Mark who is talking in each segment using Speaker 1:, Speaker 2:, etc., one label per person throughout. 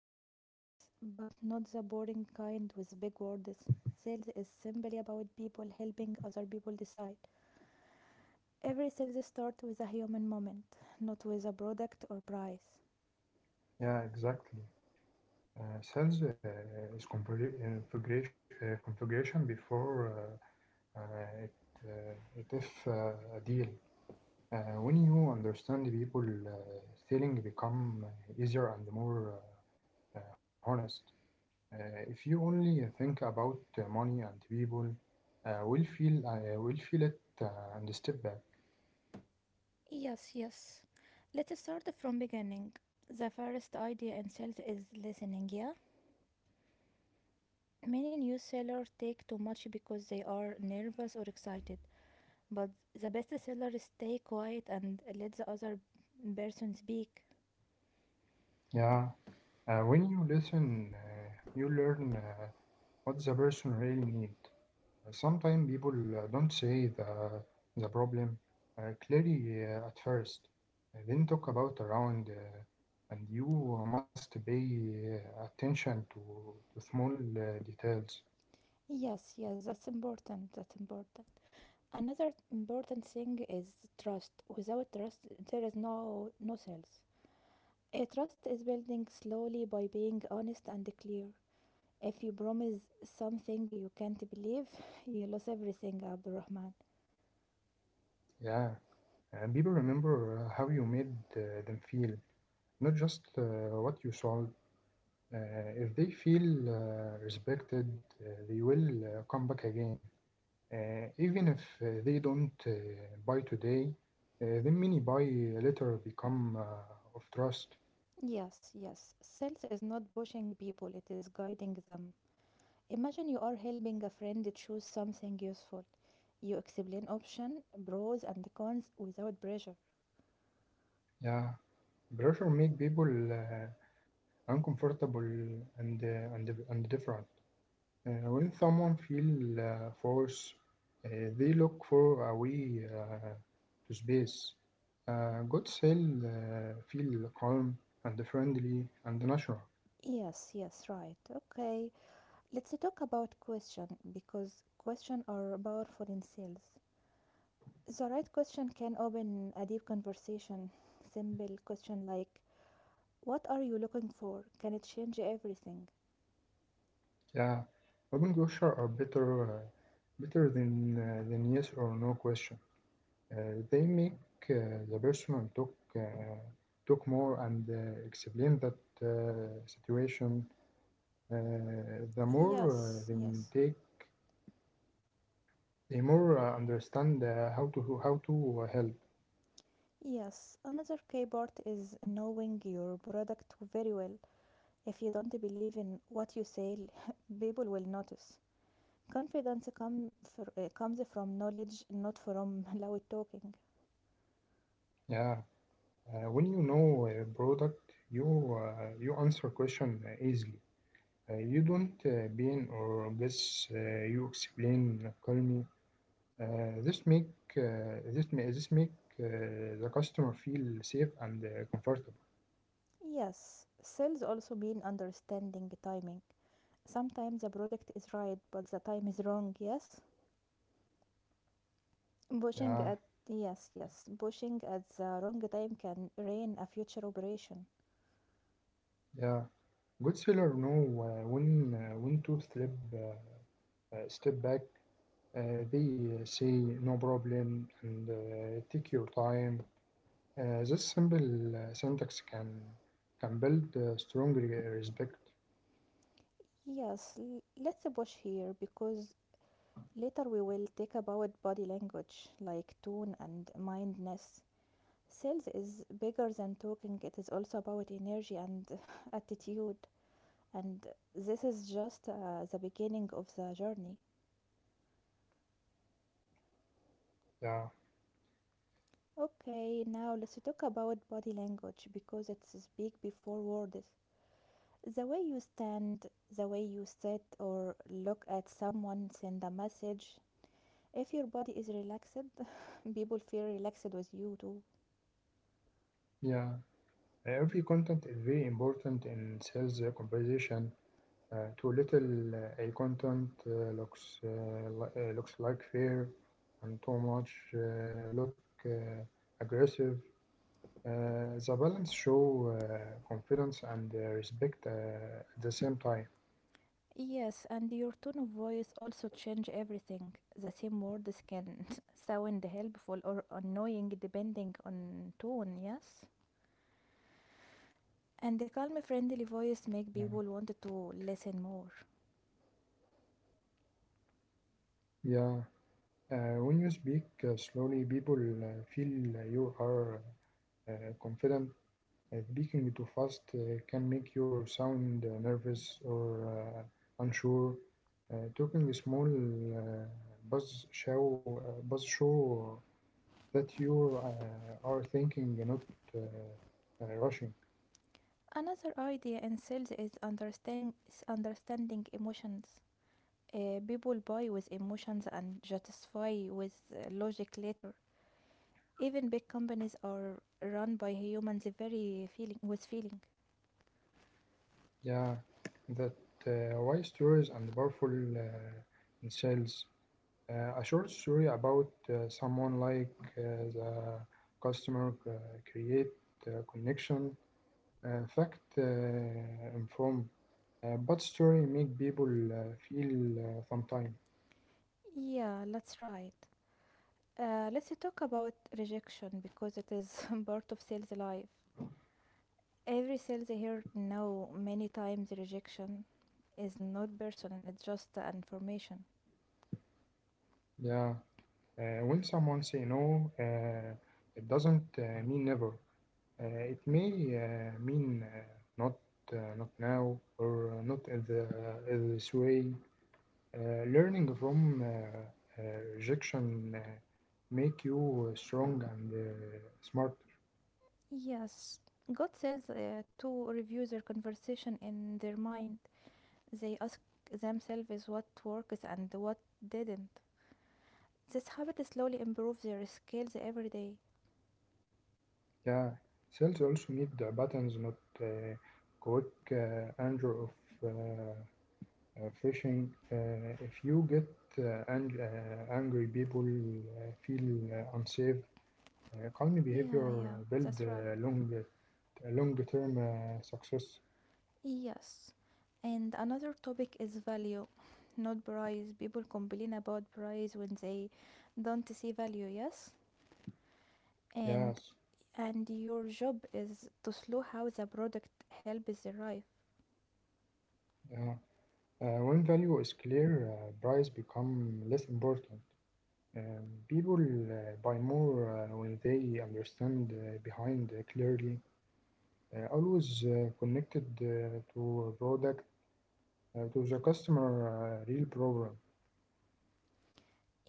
Speaker 1: about sales, but not the boring kind with big words. Sales is simply about people helping other people decide. Every sales starts with a human moment, not with a product or price.
Speaker 2: Yeah, exactly. Sales is configuration before it, it if a deal. When you understand the people, selling become easier and more honest. Uh, if you only think about money and people, will feel it and step back.
Speaker 1: Yes, yes. Let's start from beginning. The first idea in sales is listening, yeah? Many new sellers take too much because they are nervous or excited, but the best sellers stay quiet and let the other person speak.
Speaker 2: Yeah. When you listen, you learn what the person really need. Sometimes people don't say the problem clearly at first, then talk about around, and you must pay attention to small details.
Speaker 1: Yes, yes, that's important. That's important. Another important thing is trust. Without trust, there is no sales. A trust is building slowly by being honest and clear. If you promise something you can't believe, you lose everything, Abdurrahman.
Speaker 2: Yeah, and people remember how you made them feel, not just what you solved. Uh, if they feel respected, they will come back again. Even if they don't buy today, then many buy later become of trust.
Speaker 1: Yes, yes. Sales is not pushing people, it is guiding them. Imagine you are helping a friend choose something useful. You explain option, pros and cons without pressure.
Speaker 2: Yeah, pressure make people uncomfortable and different. When someone feel force, they look for a way to space. Good sale feel calm and friendly and natural.
Speaker 1: Yes, yes, right. Okay, let's talk about question because question are powerful in sales. The right question can open a deep conversation. Simple question like, "What are you looking for?" Can it change everything?
Speaker 2: Yeah, open closure are better than yes or no question. They make the person talk more and explain that situation. The more
Speaker 1: Yes,
Speaker 2: they
Speaker 1: yes.
Speaker 2: take, the more understand how to help.
Speaker 1: Yes, another key part is knowing your product very well. If you don't believe in what you sell, people will notice. Confidence comes from knowledge, not from loud talking.
Speaker 2: Yeah, when you know a product, you answer question easily. You don't been or guess. You explain calmly. This make uh, this ma- this make the customer feel safe and comfortable.
Speaker 1: Yes, sales also mean understanding timing. Sometimes the product is right, but the time is wrong, yes?
Speaker 2: Yeah,
Speaker 1: Pushing at Yes, yes. Pushing at the wrong time can ruin a future operation.
Speaker 2: yeah. Good seller know when to step back. They say no problem and take your time. This simple syntax can build strong respect.
Speaker 1: Yes, let's push here because later we will talk about body language, like tone and mindness. Sales is bigger than talking, it is also about energy and attitude, and this is just the beginning of the journey.
Speaker 2: Yeah,
Speaker 1: Okay, now let's talk about body language because it's speak before words. The way you stand, the way you sit or look at someone send a message. If your body is relaxed, people feel relaxed with you too.
Speaker 2: yeah. Every content is very important in sales conversation. Too little a content looks like fair, and too much look uh, aggressive. The balance show confidence and respect at the same time.
Speaker 1: Yes, and your tone of voice also change everything. The same words can sound helpful or annoying depending on tone, yes? And the calm friendly voice make people
Speaker 2: Yeah,
Speaker 1: want to listen more.
Speaker 2: yeah. When you speak slowly, people feel you are uh, confident. Speaking too fast can make you sound nervous or unsure. Talking small buzz show that you are thinking, not uh, rushing.
Speaker 1: Another idea in sales is understanding emotions. People buy with emotions and justify with logic later. Even big companies are run by humans very feeling with feeling.
Speaker 2: Yeah, that why stories and powerful in sales. A short story about someone like the customer create connection. In fact inform, but story make people feel sometime.
Speaker 1: Yeah, that's right. Let's talk about rejection because it is part of sales life. Every sales here know many times rejection is not personal; it's just the information.
Speaker 2: Yeah, when someone say no, it doesn't mean never. It may mean not not now or not at at this way. Learning from rejection make you strong and smart.
Speaker 1: Yes, God tells to review their conversation in their mind. They ask themselves what works and what didn't. This habit slowly improves their skills every day.
Speaker 2: Yeah, cells also need buttons, not uh, quick anger of uh, uh, fishing. If you get angry, people feel unsafe. Calm
Speaker 1: Yeah, yeah,
Speaker 2: behavior build
Speaker 1: that's right.
Speaker 2: long-term success.
Speaker 1: Yes. And another topic is value, not price. People complain about price when they don't see value, yes?
Speaker 2: Yes,
Speaker 1: And and your job is to slow how the product helps their life.
Speaker 2: yeah. When value is clear, price become less important. People buy more when they understand behind clearly. Always connected to a product, to the customer, real problem.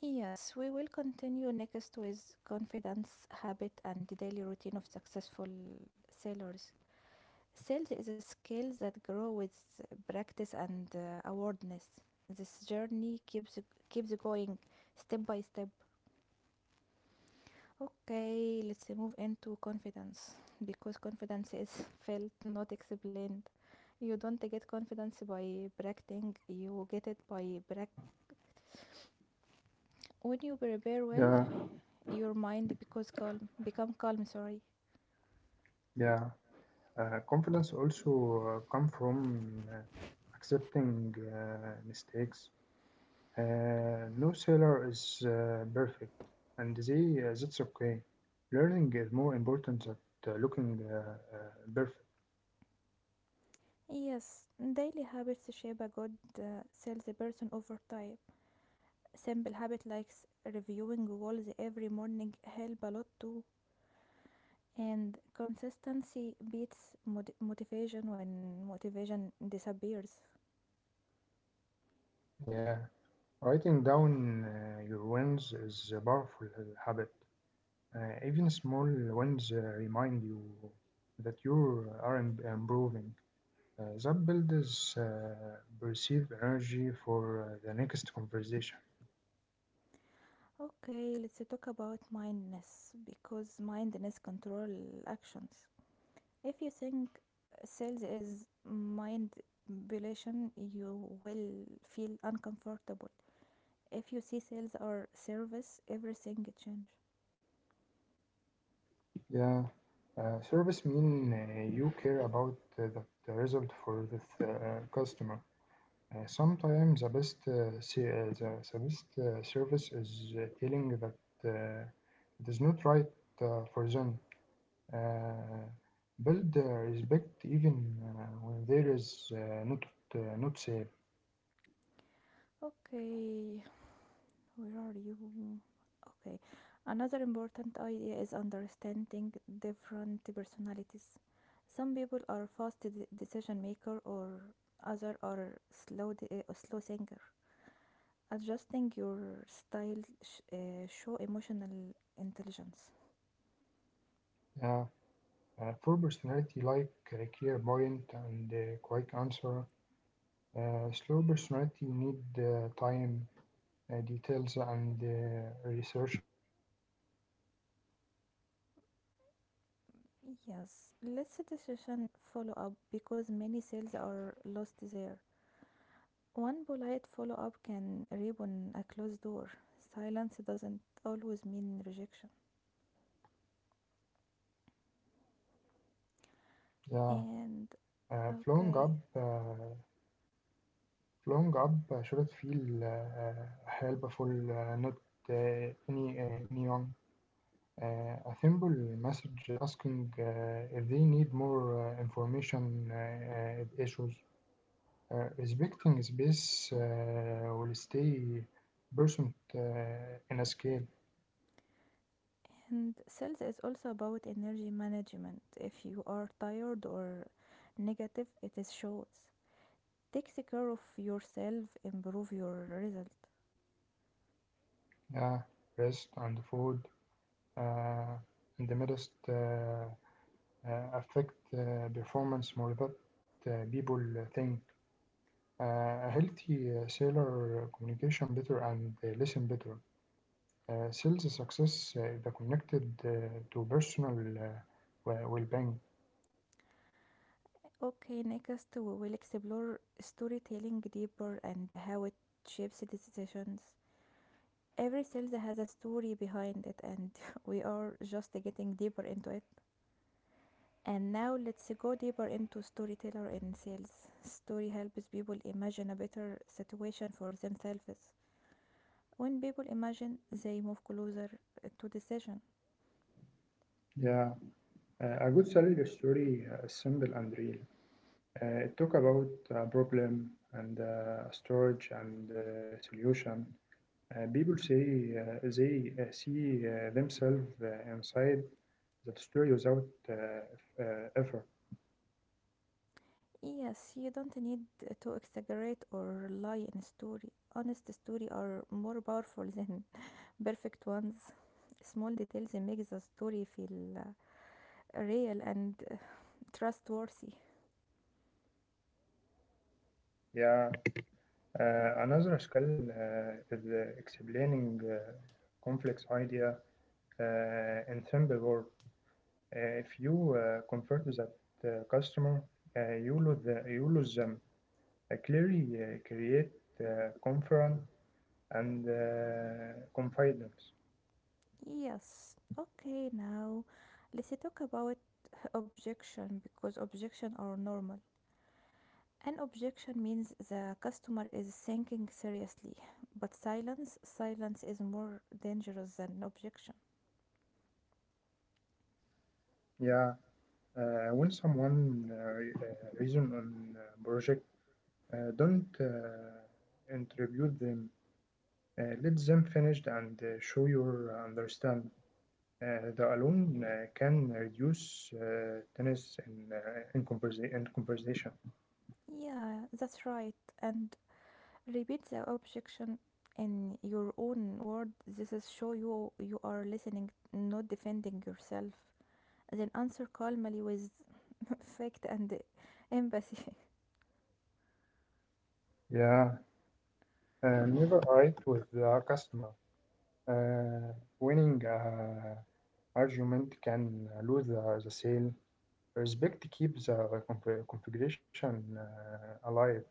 Speaker 1: Yes, we will continue next with confidence, habit, and the daily routine of successful sellers. Sales is a skill that grows with practice and awareness. This journey keeps going step by step. Okay, let's move into confidence because confidence is felt, not explained. You don't get confidence by practicing, you get it prac- when you prepare well
Speaker 2: Yeah,
Speaker 1: your mind because calm become calm, sorry.
Speaker 2: yeah. Confidence also come from accepting mistakes. No seller is perfect, and that's okay. Learning is more important than looking perfect.
Speaker 1: Yes, daily habits shape a good salesperson over time. Simple habit like reviewing goals every morning help a lot too, and consistency beats motivation when motivation disappears.
Speaker 2: Yeah, writing down your wins is a powerful habit. Even small wins remind you that you are improving. That builds perceived energy for the next conversation.
Speaker 1: Okay, let's talk about mindness because mindness control actions. If you think sales is manipulation, you will feel uncomfortable. If you see sales or service, everything change.
Speaker 2: Yeah, service mean you care about the result for the customer. Sometimes the best service is telling that it is not right for them. Uh, build respect even when there is not safe.
Speaker 1: Okay, where are you? Okay, another important idea is understanding different personalities. Some people are fast decision maker, or other are slow thinker. Adjusting your style show emotional intelligence.
Speaker 2: Yeah, for personality like a clear point and quick answer. Slow personality need time details and researching. A good seller learn the right
Speaker 1: Yes,
Speaker 2: uh, the
Speaker 1: let's
Speaker 2: thing
Speaker 1: decision
Speaker 2: area.
Speaker 1: follow up because many sales are lost there. One polite follow up can reopen a closed door. Silence doesn't always mean rejection.
Speaker 2: The
Speaker 1: And
Speaker 2: uh, flowing up,
Speaker 1: okay,
Speaker 2: uh, flowing up should feel helpful, not anyone. Uh, a simple message asking if they need more information issues. Respecting space will stay percent in a scale.
Speaker 1: and sales is also about energy management. If you are tired or negative, it is shows. Take the care of yourself, improve your result.
Speaker 2: Yeah, rest and food uh, and the midst affect performance more than people think. A healthy seller communication better and listen better. Sales success is connected to personal uh, well-being.
Speaker 1: Okay, next we will explore storytelling deeper and how it shapes the decisions. Every sales has a story behind it, and we are just getting deeper into it. And now let's go deeper into storyteller in sales. Story helps people imagine a better situation for themselves. When people imagine, they move closer to decision.
Speaker 2: Yeah, a good salary story is simple and real. It talk about a problem and storage and solution. People say they see themselves inside that story without effort.
Speaker 1: Yes, you don't need to exaggerate or lie in story. Honest story are more powerful than perfect ones. Small details make the story feel real and trustworthy.
Speaker 2: Yeah, another skill is explaining complex idea in simple words. Uh, if you comfort that customer, you lose them. Clearly, create comfort and confidence.
Speaker 1: Yes. Okay, now let's talk about objection because objection are normal. An objection means the customer is thinking seriously, but silence is more dangerous than an objection.
Speaker 2: Yeah. When someone reason on a project, don't interview them. Let them finish and show your understand. The alone can reduce tennis in conversation.
Speaker 1: Yeah, that's right. And repeat the objection in your own word. This is show you are listening, not defending yourself. Then answer calmly with fact and empathy.
Speaker 2: Yeah, never argue with a customer. Uh, winning argument can lose the sale. Respect keeps the configuration alive.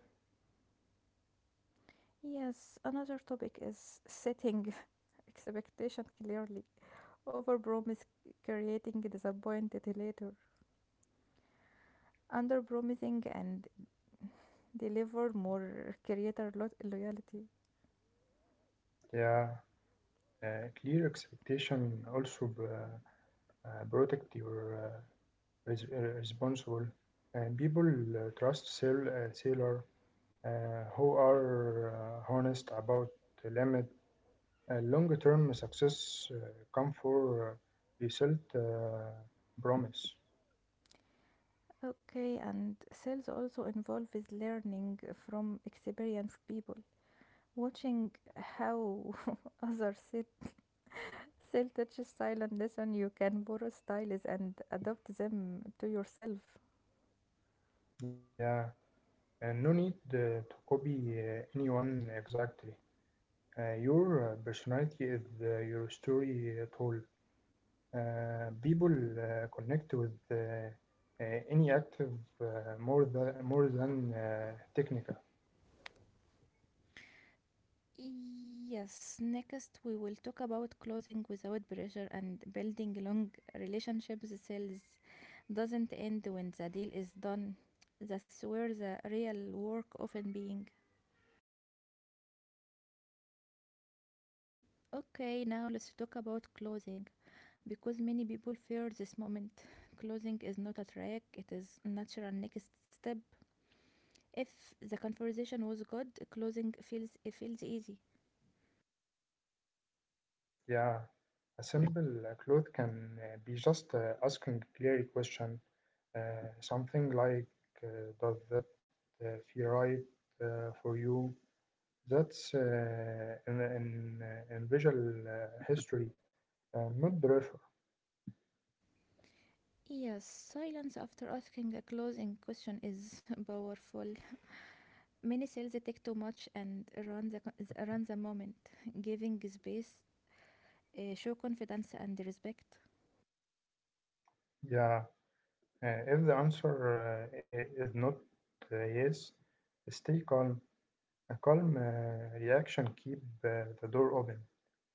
Speaker 1: Yes, another topic is setting expectation clearly. Overpromise, creating disappointed later. Underpromising and deliver more creator loyalty.
Speaker 2: Yeah, clear expectation also protect your res- uh, responsible. People trust sailor who are honest about the limit. Long-term success come for result promise.
Speaker 1: Okay, and sales also involves learning from experienced people, watching how others sit. Sell touch style and lesson you can borrow styles and adopt them to yourself.
Speaker 2: Yeah, and no need to copy anyone exactly. Your personality is your story told. People connect with any active more than technical.
Speaker 1: Yes, next we will talk about closing without pressure and building long relationships. Sales doesn't end when the deal is done. That's where the real work often being. Okay, now let's talk about closing, because many people
Speaker 2: Yeah.
Speaker 1: fear this moment. Closing is not a track,
Speaker 2: Uh,
Speaker 1: it is
Speaker 2: a
Speaker 1: natural
Speaker 2: simple
Speaker 1: next step.
Speaker 2: cloth can be just
Speaker 1: If the
Speaker 2: asking a clear
Speaker 1: conversation was
Speaker 2: question.
Speaker 1: good, closing feels easy.
Speaker 2: Yeah. A simple cloth can be just asking a clear question. Uh, something like, does that feel right for you? That's in visual history, not prefer.
Speaker 1: Yes, silence after asking a closing question is powerful. Many sales take too much and run the moment, giving space, show confidence and respect.
Speaker 2: Yeah, if the answer is not yes, stay calm. A calm reaction keep the door open.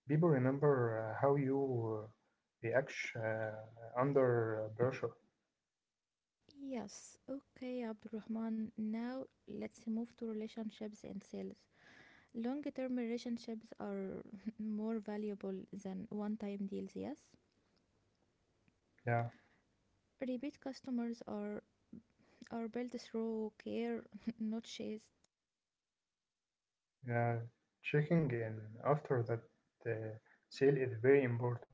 Speaker 2: People remember how you react under pressure.
Speaker 1: Yes, okay, Abdurrahman. Now let's move to relationships and sales. Long term relationships are more valuable than one time deals, yes.
Speaker 2: Yeah,
Speaker 1: Repeat customers are built through care, not chase.
Speaker 2: yeah. Checking in after that uh, sale is very important.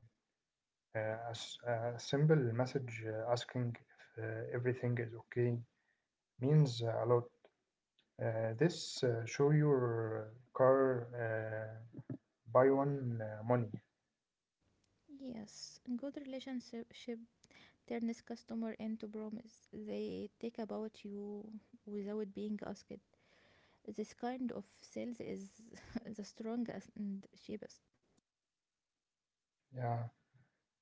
Speaker 2: A simple message asking if everything is okay means a lot. This show your car buy one money.
Speaker 1: Yes, good relationship turns customer into promise. They take about you without being asked. This kind of sales is the strongest and cheapest.
Speaker 2: Yeah.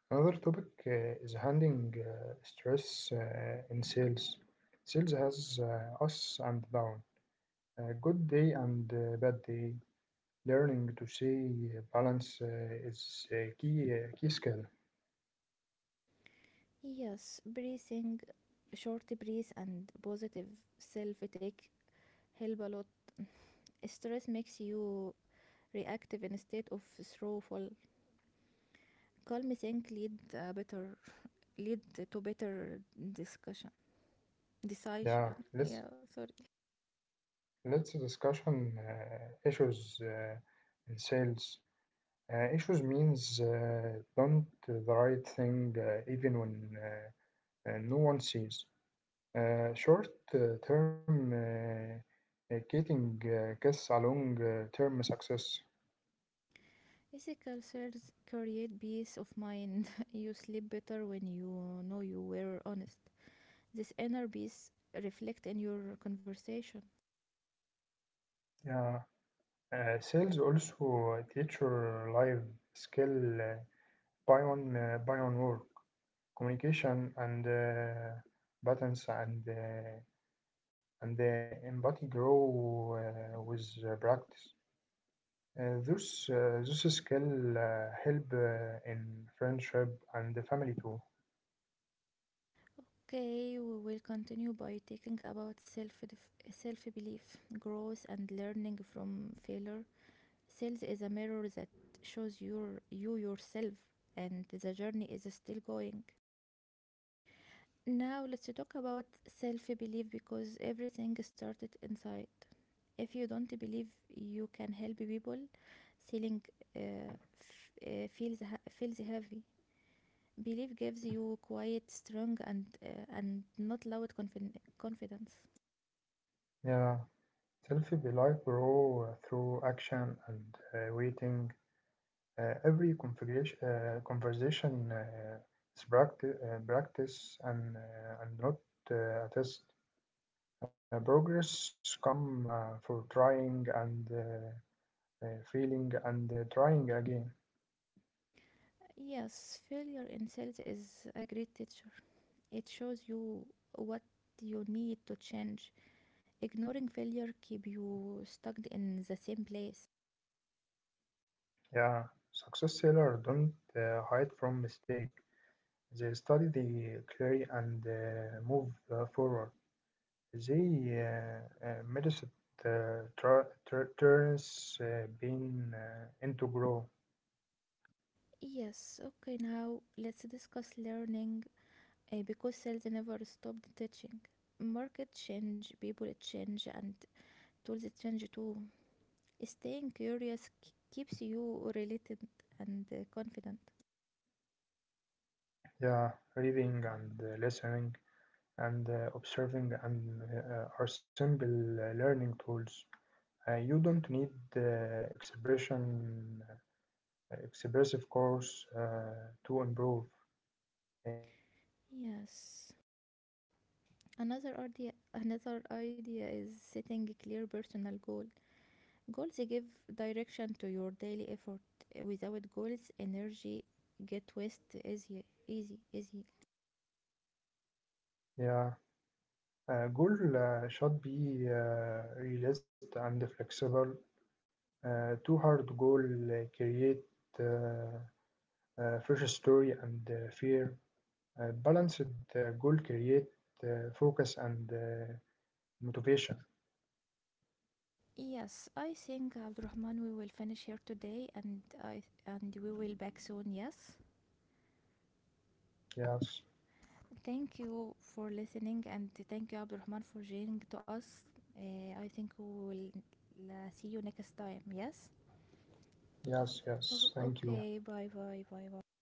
Speaker 2: Another topic is handling stress in sales. Sales has ups and down, a good day and bad day. Learning to say balance is a key skill.
Speaker 1: Yes, breathing, short breath and positive self-take help a lot. Stress makes you reactive instead of throwful. Calm think lead to better discussion decision.
Speaker 2: Yeah,
Speaker 1: Yeah,
Speaker 2: let's
Speaker 1: sorry.
Speaker 2: Let's discussion issues in sales. Issues means don't do the right thing even when no one sees. Short term getting gets a long term success.
Speaker 1: Ethical threads create peace of mind. You sleep better when you know you were honest. This inner peace reflect in your conversation.
Speaker 2: Yeah. Sales also teach your life skill by on work, communication and patterns and empathy grow with practice. This skill help in friendship and the family too.
Speaker 1: Okay, we will continue by talking about self belief, growth, and learning from failure. Sales is a mirror that shows yourself, and the journey is still going. Now let's talk about self-belief because everything started inside. If you don't believe you can help people, selling feels heavy. Belief gives you quiet, strong, and not loud confidence.
Speaker 2: Yeah, self-belief grow through action and waiting. Every conversation is practice, and not a test. Progress come for trying and failing and trying again.
Speaker 1: Yes, failure in sales is a great teacher. It shows you what you need to change. Ignoring failure keep you stuck in the same place.
Speaker 2: Yeah, success sellers don't hide from mistake. They study the query and move forward. They medicine turns pain into grow.
Speaker 1: Yes, okay, now let's discuss learning, because sales never stopped teaching. Market change, people change, and tools change too. Staying curious keeps you related and confident.
Speaker 2: Yeah, reading and listening and observing and are simple learning tools. You don't need expressive course to improve. دي الsmall learning
Speaker 1: Yes.
Speaker 2: with, or
Speaker 1: Another idea, another
Speaker 2: big
Speaker 1: idea is
Speaker 2: learning.
Speaker 1: setting a clear personal goal. Goals give direction to your daily effort. Without goals, energy get waste easy, easy, easy.
Speaker 2: Yeah, a goal should be realistic and flexible. Too hard goal create uh, fresh story and fear. Balanced goal create focus and motivation.
Speaker 1: Yes, I think Abdurrahman, we will finish here today, and I and we will back soon. Yes,
Speaker 2: Yes,
Speaker 1: thank you for listening, and thank you Abdurrahman for joining to us. I think we will see you next time. Yes.
Speaker 2: yes, yes. Thank you.
Speaker 1: Okay. Bye. Bye. Bye. Bye.